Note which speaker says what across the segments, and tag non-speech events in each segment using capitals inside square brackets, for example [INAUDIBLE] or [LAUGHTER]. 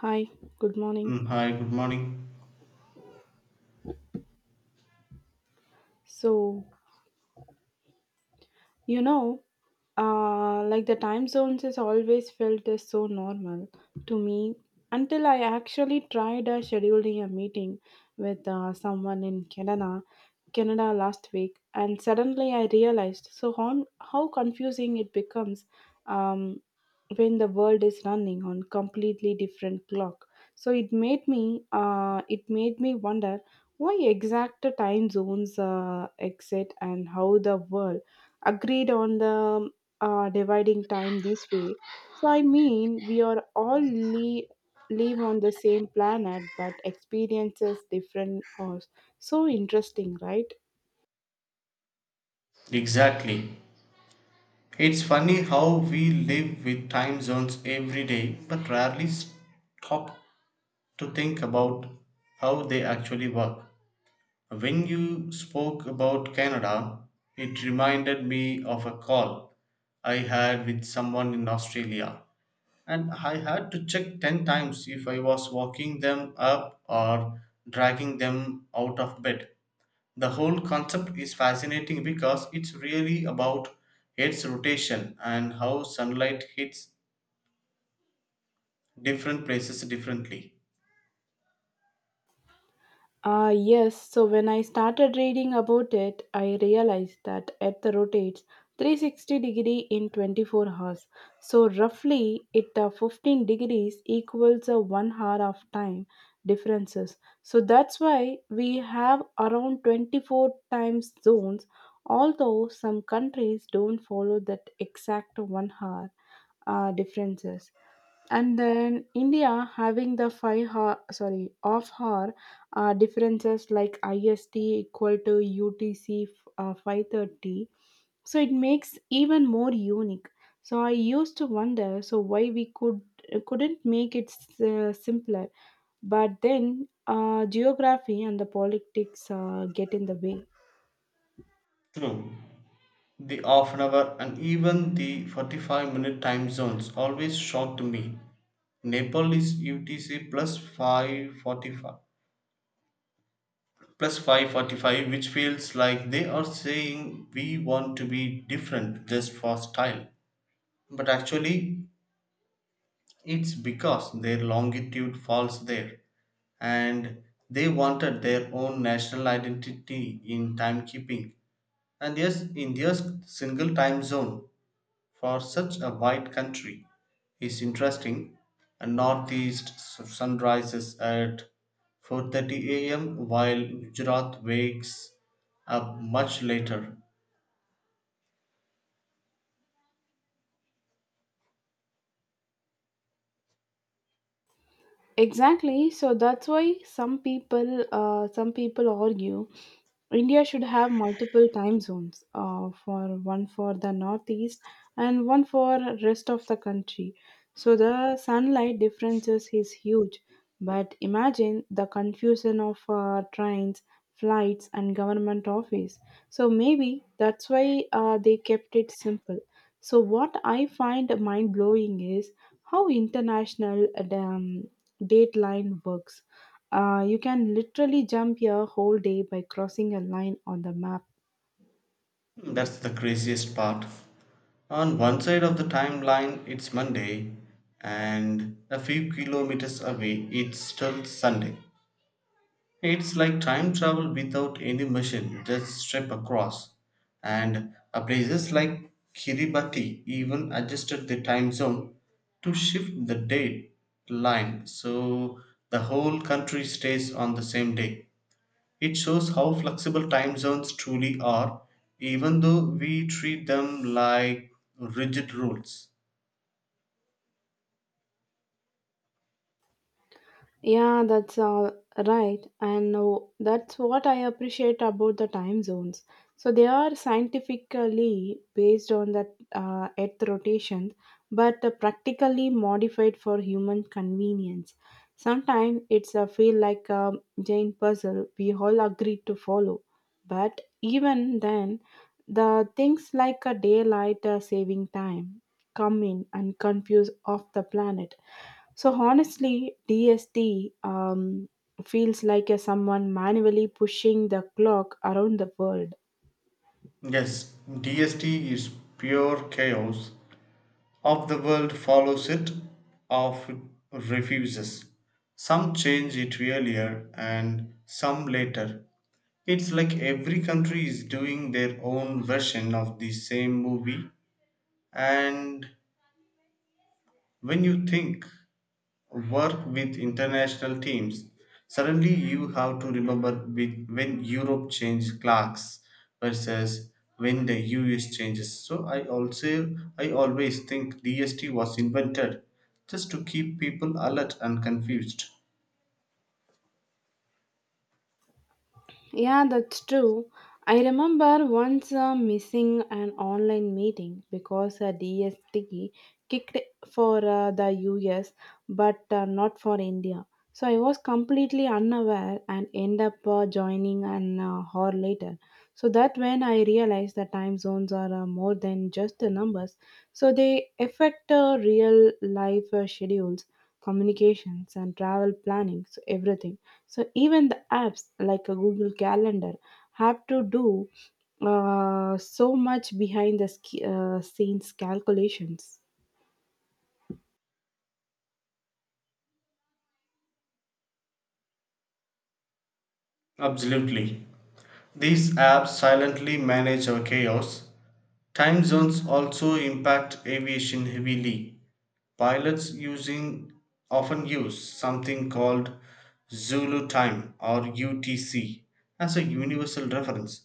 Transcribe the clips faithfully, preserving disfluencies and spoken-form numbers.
Speaker 1: Hi, good morning.
Speaker 2: Mm, hi, good morning.
Speaker 1: So, You know, uh, like the time zones has always felt as so normal to me until I actually tried uh, scheduling a meeting with uh, someone in Canada, Canada last week, and suddenly I realized so on how confusing it becomes um, when the world is running on completely different clock. So it made me uh, it made me wonder why exact time zones uh, exist and how the world agreed on the uh, dividing time this way. So, I mean, we are all li- live on the same planet but experiences different hosts. So interesting, right?
Speaker 2: Exactly. It's funny how we live with time zones every day, but rarely stop to think about how they actually work. When you spoke about Canada, it reminded me of a call I had with someone in Australia, and I had to check ten times if I was walking them up or dragging them out of bed. The whole concept is fascinating because it's really about Earth's rotation and how sunlight hits different places differently.
Speaker 1: Ah, yes. So when I started reading about it, I realized that Earth rotates three hundred sixty degree in twenty-four hours. So roughly, it uh, fifteen degrees equals a one hour of time differences. So that's why we have around twenty-four times zones. Although some countries don't follow that exact one hour uh, differences and then India having the five hour, sorry off hour uh, differences like I S T equal to U T C uh, five thirty, so it makes even more unique. So I used to wonder so why we could couldn't make it s- uh, simpler, but then uh, geography and the politics uh, get in the way.
Speaker 2: True, the half an hour and even the forty-five minute time zones always shocked me. Nepal is U T C plus 545 plus 545 which feels like they are saying we want to be different just for style, but actually it's because their longitude falls there and they wanted their own national identity in timekeeping. And yes, India's single time zone for such a wide country is interesting. A northeast s- sun rises at four thirty a m while Gujarat wakes up much later.
Speaker 1: Exactly. So that's why some people uh, some people argue India should have multiple time zones, uh, for one for the northeast and one for rest of the country. So the sunlight differences is huge. But imagine the confusion of uh, trains, flights, and government office. So maybe that's why uh, they kept it simple. So what I find mind blowing is how international uh, um, date line works. Uh, you can literally jump your whole day by crossing a line on the map.
Speaker 2: That's the craziest part. On one side of the timeline, it's Monday, and a few kilometers away, it's still Sunday. It's like time travel without any machine, just step across. And a places like Kiribati even adjusted the time zone to shift the date line so the whole country stays on the same day. It shows how flexible time zones truly are, even though we treat them like rigid rules.
Speaker 1: Yeah, that's uh, right. And uh, that's what I appreciate about the time zones. So they are scientifically based on the uh, Earth rotation, but uh, practically modified for human convenience. Sometimes it's a feel like a giant puzzle we all agree to follow. But even then, the things like a daylight uh, saving time come in and confuse off the planet so honestly, D S T um, feels like a someone manually pushing the clock around the world.
Speaker 2: Yes, D S T is pure chaos of the world follows it or refuses. Some change it earlier and some later. It's like every country is doing their own version of the same movie, and when you think work with international teams, suddenly you have to remember with, when Europe changed clocks versus when the U S changes. So I also I always think D S T was invented just to keep people alert and confused.
Speaker 1: Yeah, that's true. I remember once uh, missing an online meeting because a D S T kicked for uh, the U S but uh, not for India. So I was completely unaware and end up uh, joining an uh, hour later. So that when I realized that time zones are uh, more than just the numbers, so they affect uh, real life uh, schedules, communications, and travel planning, so everything so even the apps like a Google Calendar have to do uh, so much behind the sk- uh, scenes calculations.
Speaker 2: Absolutely. These apps silently manage our chaos. Time zones also impact aviation heavily. Pilots using often use something called Zulu time or U T C as a universal reference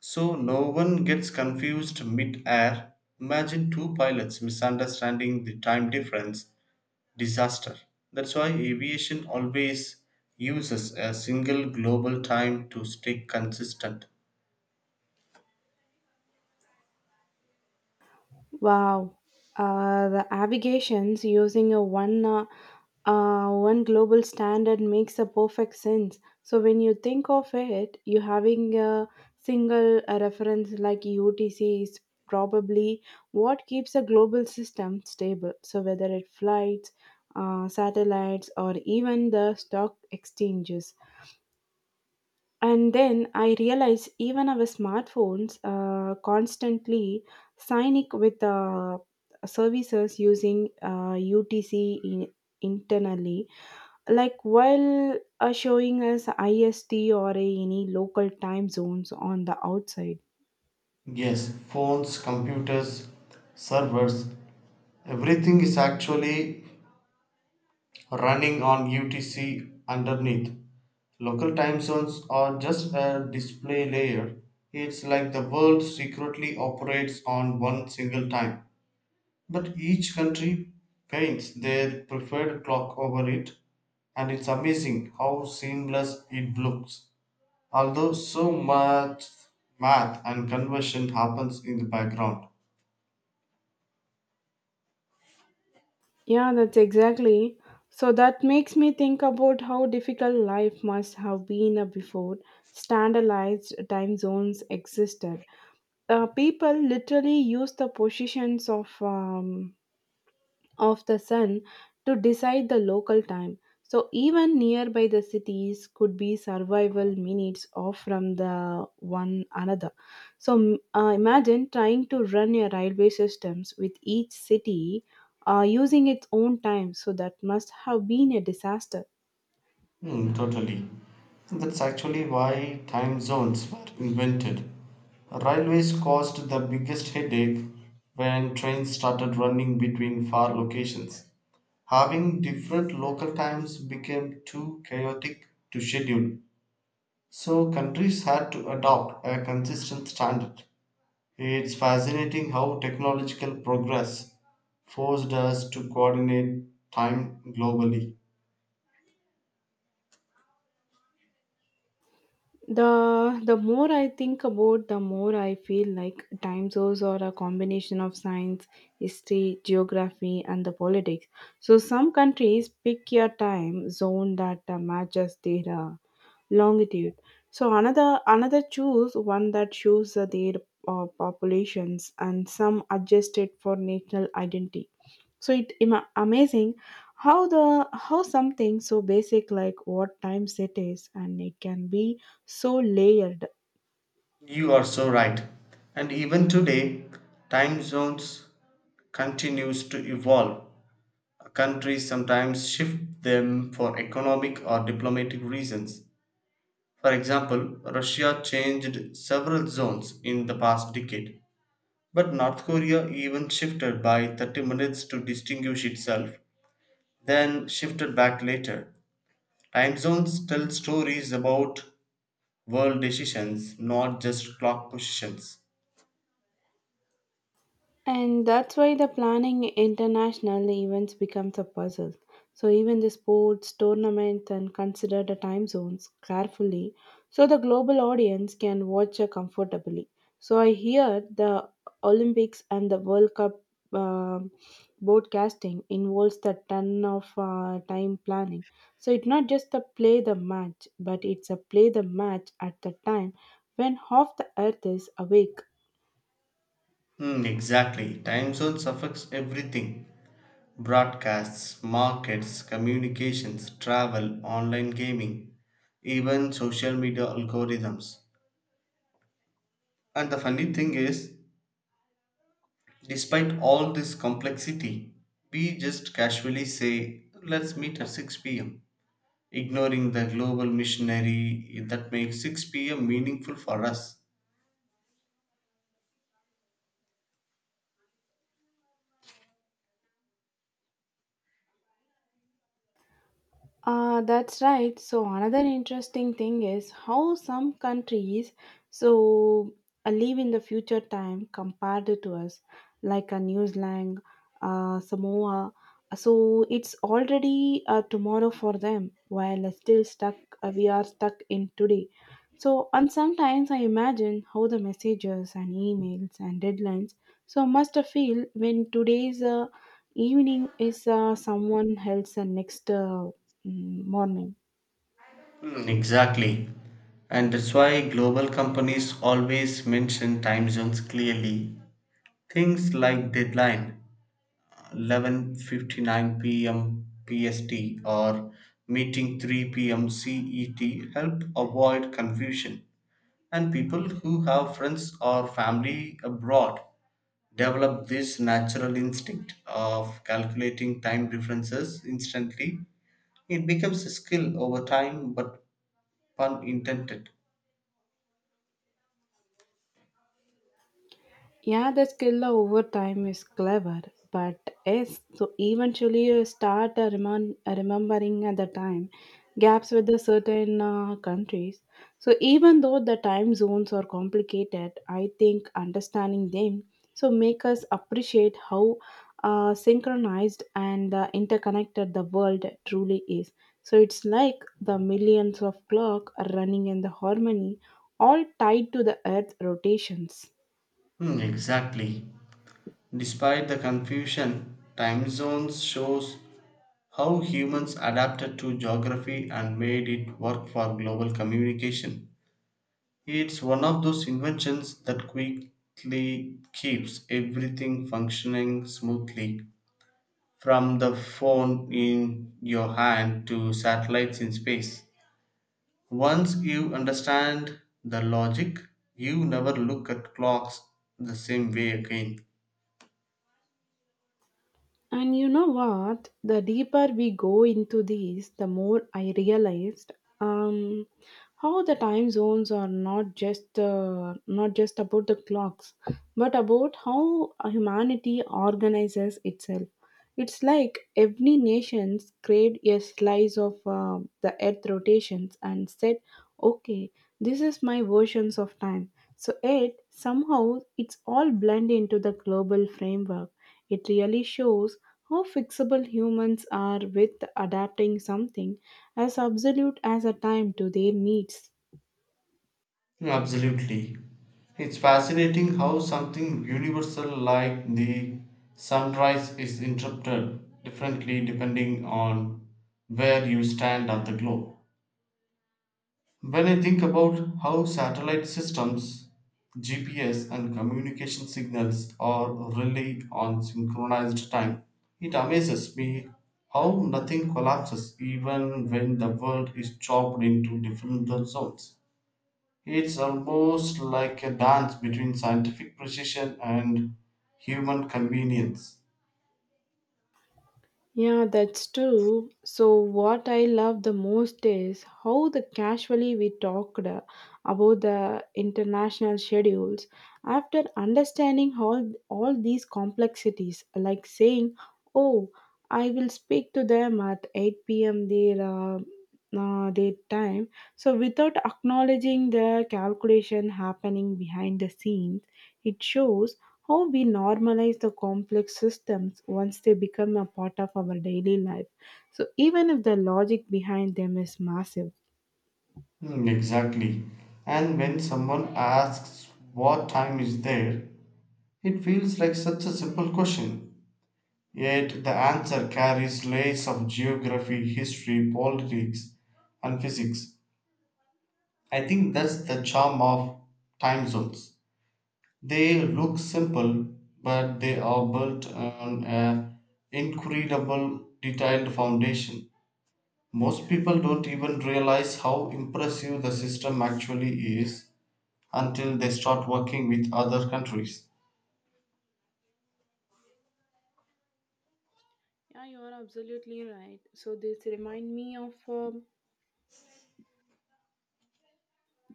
Speaker 2: so no one gets confused mid-air. Imagine two pilots misunderstanding the time difference disaster. That's why aviation always uses a single global time to stay consistent.
Speaker 1: Wow, uh, the navigations using a one uh, Uh, one global standard makes a perfect sense. So when you think of it, you having a single uh, reference like U T C is probably what keeps a global system stable. So whether it flights, uh, satellites, or even the stock exchanges. And then I realize even our smartphones uh, constantly sign with uh, services using uh, U T C in- internally like while uh, showing us ist or any local time zones on the outside.
Speaker 2: Yes, phones, computers, servers, everything is actually running on U T C underneath. Local time zones are just a display layer. It's like the world secretly operates on one single time. But each country paints their preferred clock over it, and it's amazing how seamless it looks. Although so much math and conversion happens in the background.
Speaker 1: Yeah, that's exactly so that makes me think about how difficult life must have been uh, before standardized time zones existed, uh, people literally used the positions of um, of the sun to decide the local time. So even nearby the cities could be survival minutes off from the one another. So m- uh, imagine trying to run your railway systems with each city uh, using its own time. So that must have been a disaster.
Speaker 2: Hmm, totally. That's actually why time zones were invented. Railways caused the biggest headache when trains started running between far locations. Having different local times became too chaotic to schedule, so countries had to adopt a consistent standard. It's fascinating how technological progress forced us to coordinate time globally.
Speaker 1: the the more I think about the more I feel like time zones are a combination of science, history, geography, and the politics. So some countries pick a time zone that uh, matches their uh, longitude so another another choose one that shows uh, their uh, populations and some adjust it for national identity so it ima- amazing how the how something so basic like what time set is and it can be so layered.
Speaker 2: You are so right. And even today, time zones continues to evolve. Countries sometimes shift them for economic or diplomatic reasons. For example, Russia changed several zones in the past decade, but North Korea even shifted by thirty minutes to distinguish itself, then shifted back later. Time zones tell stories about world decisions, not just clock positions.
Speaker 1: And that's why the planning international events becomes a puzzle. So even the sports, tournaments and consider the time zones carefully so the global audience can watch uh, comfortably. So I hear the Olympics and the World Cup um broadcasting involves the ton of uh, time planning. So it's not just the play the match, but it's a play the match at the time when half the earth is awake.
Speaker 2: Hmm, exactly. Time zones affects everything. Broadcasts, markets, communications, travel, online gaming, even social media algorithms. And the funny thing is, despite all this complexity, we just casually say, let's meet at six p m, ignoring the global missionary that makes six p m meaningful for us.
Speaker 1: Uh, that's right. So another interesting thing is how some countries so uh, live in the future time compared to us, like a New Zealand, uh, Samoa. So it's already uh, tomorrow for them, while uh, still stuck. Uh, we are stuck in today. So and sometimes I imagine how the messages and emails and deadlines so must feel when today's uh, evening is uh, someone else uh, next. Uh, mm, morning.
Speaker 2: Hmm, exactly. And that's why global companies always mention time zones clearly. Things like deadline eleven fifty-nine p m. P S T or meeting three p m. C E T help avoid confusion, and people who have friends or family abroad develop this natural instinct of calculating time differences instantly. It becomes a skill over time, but pun intended.
Speaker 1: Yeah, the skill over time is clever, but yes, so eventually you start uh, remon- uh, remembering at the time gaps with the certain uh, countries. So even though the time zones are complicated, I think understanding them so make us appreciate how uh, synchronized and uh, interconnected the world truly is. So it's like the millions of clock running in the harmony, all tied to the Earth rotations.
Speaker 2: Hmm, exactly. Despite the confusion, time zones shows how humans adapted to geography and made it work for global communication. It's one of those inventions that quickly keeps everything functioning smoothly, from the phone in your hand to satellites in space. Once you understand the logic, you never look at clocks the same way again.
Speaker 1: And you know what? The deeper we go into this, the more I realized. Um, how the time zones are not just uh, not just about the clocks but about how humanity organizes itself. It's like every nation's create a slice of uh, the earth rotations and said okay this is my versions of time so it somehow it's all blend into the global framework. It really shows how fixable humans are with adapting something as absolute as a time to their needs.
Speaker 2: Absolutely. It's fascinating how something universal like the sunrise is interpreted differently depending on where you stand on the globe. When I think about how satellite systems, G P S, and communication signals are really on synchronized time, it amazes me how nothing collapses even when the world is chopped into different zones. It's almost like a dance between scientific precision and human convenience.
Speaker 1: Yeah, that's true. So, what I love the most is how the casually we talked uh, about the international schedules after understanding all, all these complexities, like saying, Oh, I will speak to them at eight p m their, uh, uh, their time. So, without acknowledging the calculation happening behind the scenes, it shows how we normalize the complex systems once they become a part of our daily life. So, even if the logic behind them is massive.
Speaker 2: Hmm, exactly. And when someone asks, "What time is there?" it feels like such a simple question. Yet the answer carries layers of geography, history, politics, and physics. I think that's the charm of time zones. They look simple, but they are built on an incredible detailed foundation. Most people don't even realize how impressive the system actually is until they start working with other countries.
Speaker 1: Yeah, you are absolutely right. So this remind me of uh,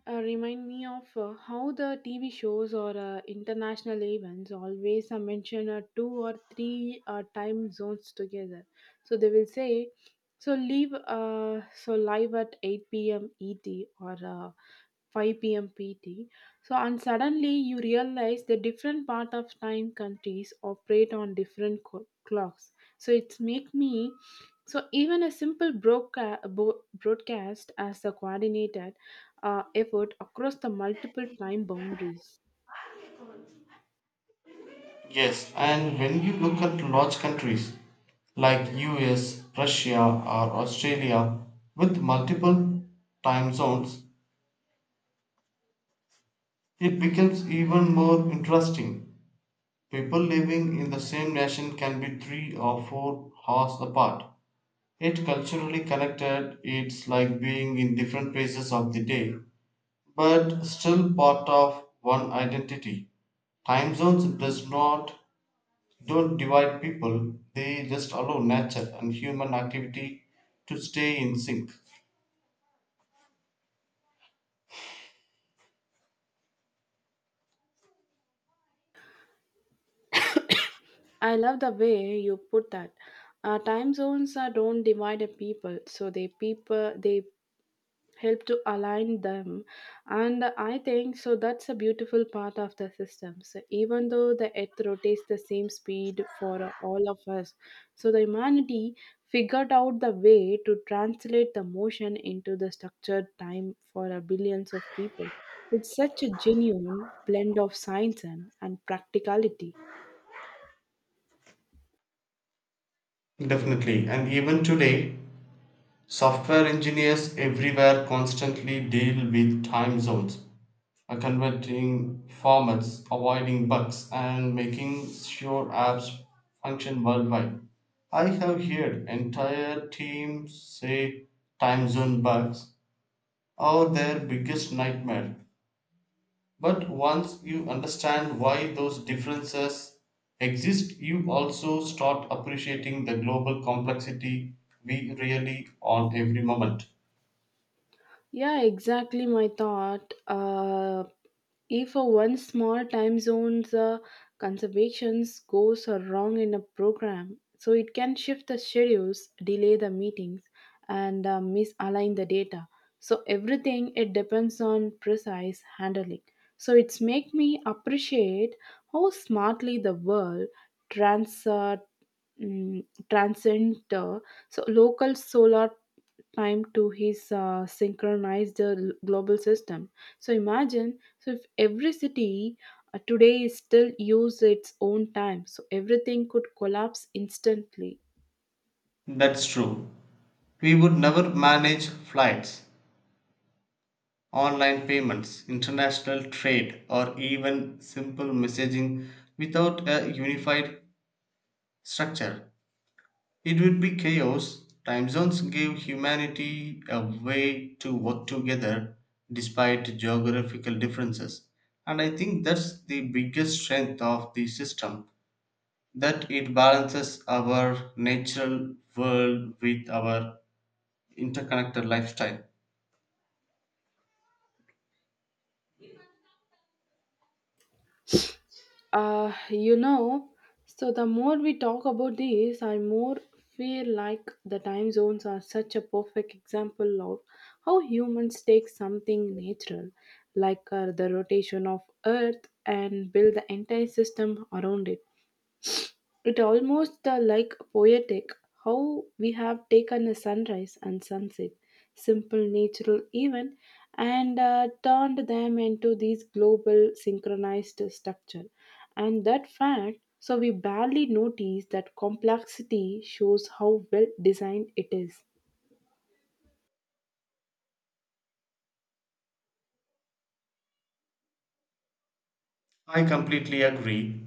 Speaker 1: uh, remind me of uh, how the T V shows or uh, international events always uh, mention uh, two or three uh, time zones together. So they will say, so leave uh, so live at eight p.m. E T or uh, five p m. P T. So, and suddenly you realize the different part of time countries operate on different co- clocks. So, it's make me so even a simple broadca- bo- broadcast as a coordinated uh, effort across the multiple time boundaries.
Speaker 2: Yes, and when you look at large countries like U S, Russia, or Australia with multiple time zones, it becomes even more interesting. People living in the same nation can be three or four hours apart, yet culturally connected. It's like being in different phases of the day, but still part of one identity. Time zones does not don't divide people; they just allow nature and human activity to stay in sync.
Speaker 1: I love the way you put that. Uh, time zones uh, don't divide a people, so they people they help to align them. And I think so that's a beautiful part of the system so even though the earth rotates the same speed for all of us so the humanity figured out the way to translate the motion into the structured time for a billions of people. It's such a genuine blend of science and, and practicality.
Speaker 2: Definitely, and even today, software engineers everywhere constantly deal with time zones, uh, converting formats, avoiding bugs, and making sure apps function worldwide. I have heard entire teams say time zone bugs are their biggest nightmare. But once you understand why those differences exist, you also start appreciating the global complexity we really on every moment.
Speaker 1: Yeah, exactly my thought. Uh, if a one small time zone's uh, conservations goes wrong in a program, so it can shift the schedules, delay the meetings, and uh, misalign the data. So everything it depends on precise handling. So it's make me appreciate how smartly the world trans uh, mm, transcend uh, so local solar time to his uh, synchronized uh, l- global system. So imagine, so if every city uh, today still use its own time, so everything could collapse instantly.
Speaker 2: That's true. We would never manage flights, online payments, international trade, or even simple messaging without a unified structure. It would be chaos. Time zones gave humanity a way to work together despite geographical differences. And I think that's the biggest strength of the system, that it balances our natural world with our interconnected lifestyle.
Speaker 1: Uh, you know, so the more we talk about this, I more feel like the time zones are such a perfect example of how humans take something natural, like uh, the rotation of Earth, and build the entire system around it. It almost uh, like poetic how we have taken a sunrise and sunset, simple natural event, and uh, turned them into these global synchronized structure. And that fact, so we barely notice that complexity shows how well designed it is.
Speaker 2: I completely agree.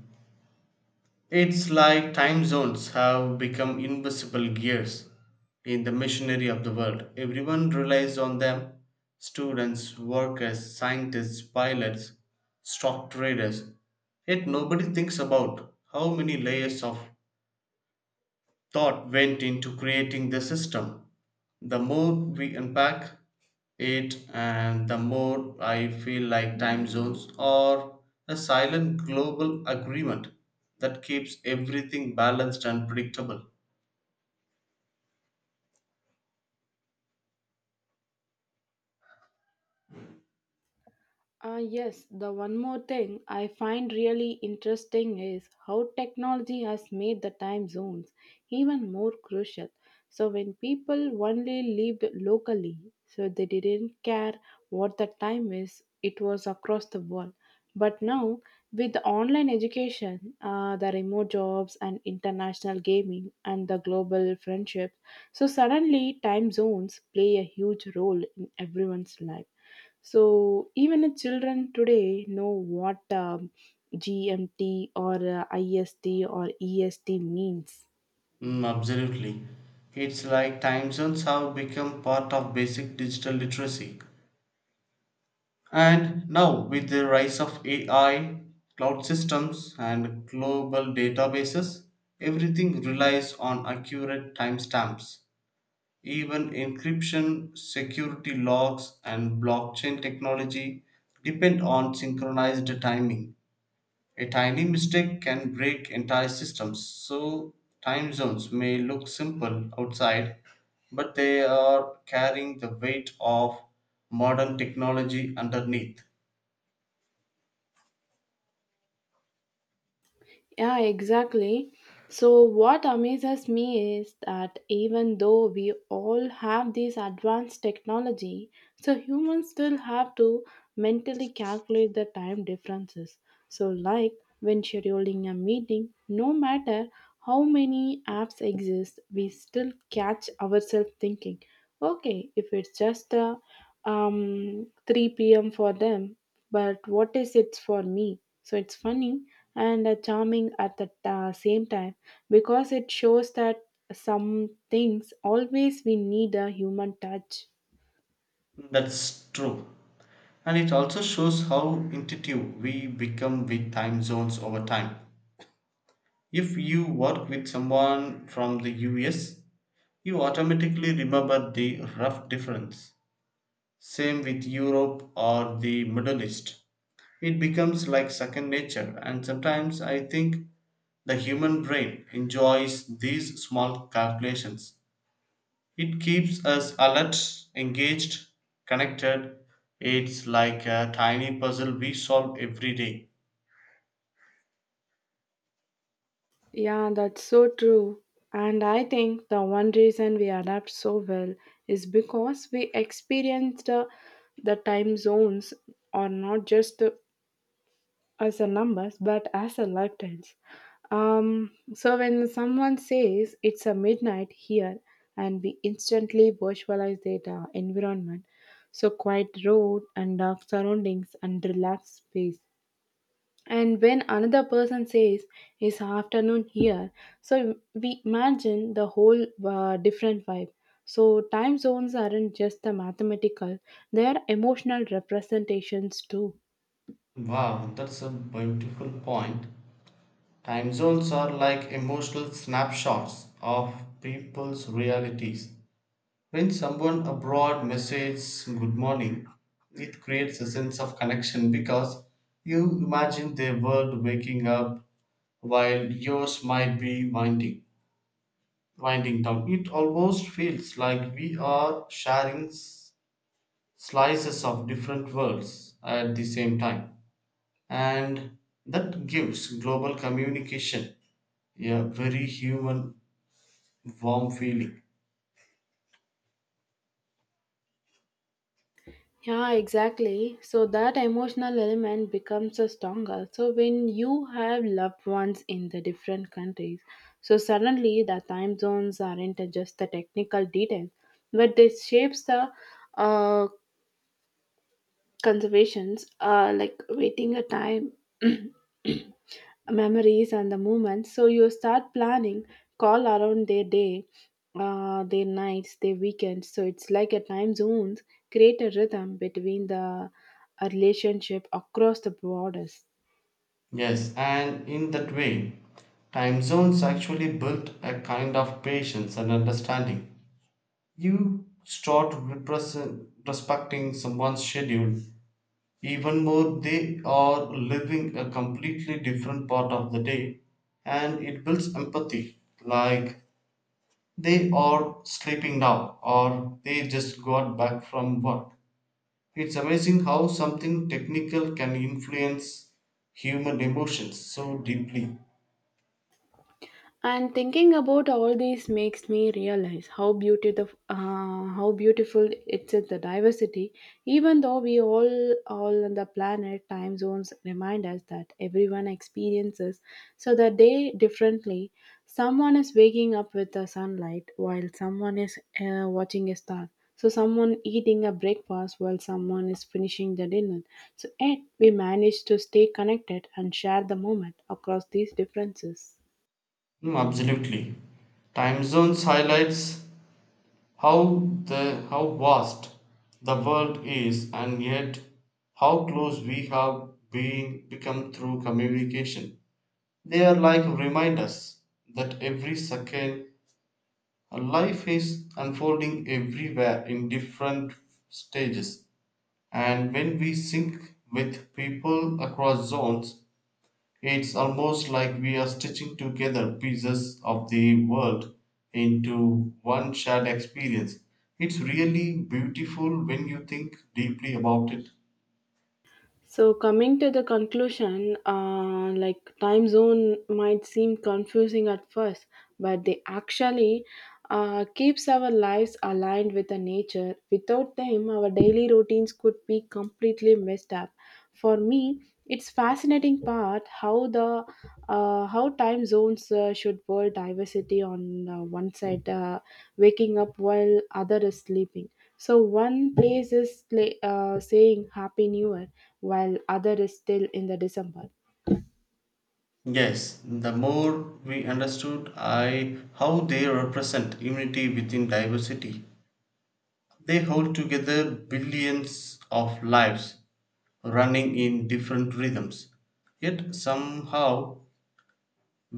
Speaker 2: It's like time zones have become invisible gears in the machinery of the world. Everyone relies on them: students, workers, scientists, pilots, stock traders. Yet nobody thinks about how many layers of thought went into creating the system. The more we unpack it, and the more I feel like time zones are a silent global agreement that keeps everything balanced and predictable.
Speaker 1: Uh, yes, the one more thing I find really interesting is how technology has made the time zones even more crucial. So, when people only lived locally, so they didn't care what the time is, it was across the world. But now, with online education, uh, the remote jobs and international gaming and the global friendship, so suddenly time zones play a huge role in everyone's life. So even the children today know what um, G M T or uh, I S T or E S T means.
Speaker 2: Mm, absolutely. It's like time zones have become part of basic digital literacy. And now, with the rise of A I, cloud systems, and global databases, everything relies on accurate timestamps. Even encryption, security logs, and blockchain technology depend on synchronized timing. A tiny mistake can break entire systems, so time zones may look simple outside, but they are carrying the weight of modern technology underneath.
Speaker 1: Yeah, exactly. So, what amazes me is that even though we all have this advanced technology, so humans still have to mentally calculate the time differences. So, like when scheduling a meeting, no matter how many apps exist, we still catch ourselves thinking, okay, if it's just a um, three p m for them, but what is it for me? So it's funny and uh, charming at the uh, same time because it shows that some things always we need a human touch.
Speaker 2: That's true. And it also shows how intuitive we become with time zones over time. If you work with someone from the U S, you automatically remember the rough difference. Same with Europe or the Middle East. It becomes like second nature, and sometimes I think the human brain enjoys these small calculations. It keeps us alert, engaged, connected. It's like a tiny puzzle we solve every day.
Speaker 1: Yeah, that's so true. And I think the one reason we adapt so well is because we experienced uh, the time zones or not just as a numbers but as a lifetimes. um so when someone says it's a midnight here and we instantly visualize their uh, environment so quiet road and dark surroundings and relaxed space and when another person says it's afternoon here so we imagine the whole uh, different vibe so time zones aren't just the mathematical, they are emotional representations too.
Speaker 2: Wow, that's a beautiful point. Time zones are like emotional snapshots of people's realities. When someone abroad messages good morning, it creates a sense of connection because you imagine their world waking up while yours might be winding. winding down. It almost feels like we are sharing s- slices of different worlds at the same time. And that gives global communication a very human, warm feeling.
Speaker 1: Yeah, exactly. So that emotional element becomes a stronger. So when you have loved ones in the different countries, so suddenly the time zones aren't just the technical details, but they shapes the uh, conservations are like waiting a time [CLEARS THROAT] memories and the moments so you start planning call around their day uh, their nights their weekends so it's like a time zones create a rhythm between the uh, relationship across the borders.
Speaker 2: Yes, and in that way, time zones actually built a kind of patience and understanding. You start represent, respecting someone's schedule. Even more, they are living a completely different part of the day, and it builds empathy. Like, they are sleeping now, or they just got back from work. It's amazing how something technical can influence human emotions so deeply.
Speaker 1: And thinking about all these makes me realize how beautiful, uh, how beautiful it's is the diversity. Even though we all, all on the planet, time zones remind us that everyone experiences so the day differently. Someone is waking up with the sunlight, while someone is uh, watching a star. So someone eating a breakfast while someone is finishing the dinner. So yet we manage to stay connected and share the moment across these differences.
Speaker 2: Mm, absolutely. Time zones highlights How the how vast the world is, and yet how close we have been become through communication. They are like reminders that every second, uh, life is unfolding everywhere in different stages. And when we sync with people across zones, it's almost like we are stitching together pieces of the world into one shared experience. It's really beautiful when you think deeply about it.
Speaker 1: So, coming to the conclusion, uh, like time zone might seem confusing at first, but they actually uh, keeps our lives aligned with the nature. Without them, our daily routines could be completely messed up. For me, it's fascinating part how the uh, how time zones uh, should world diversity on uh, one side, uh, waking up while other is sleeping. So one place is sla- uh, saying Happy New Year, while other is still in the December.
Speaker 2: Yes, the more we understood I how they represent unity within diversity. They hold together billions of lives running in different rhythms. Yet somehow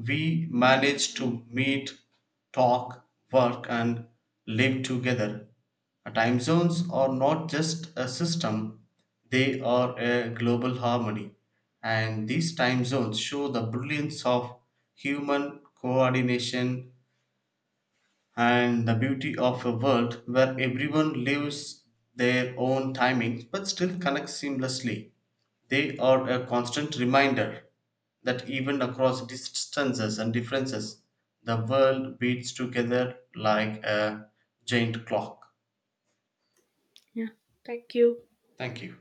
Speaker 2: we manage to meet, talk, work, and live together. Uh, Time zones are not just a system, they are a global harmony. And these time zones show the brilliance of human coordination and the beauty of a world where everyone lives their own timing but still connects seamlessly. They are a constant reminder that even across distances and differences, the world beats together like a giant clock.
Speaker 1: Yeah. Thank you.
Speaker 2: Thank you.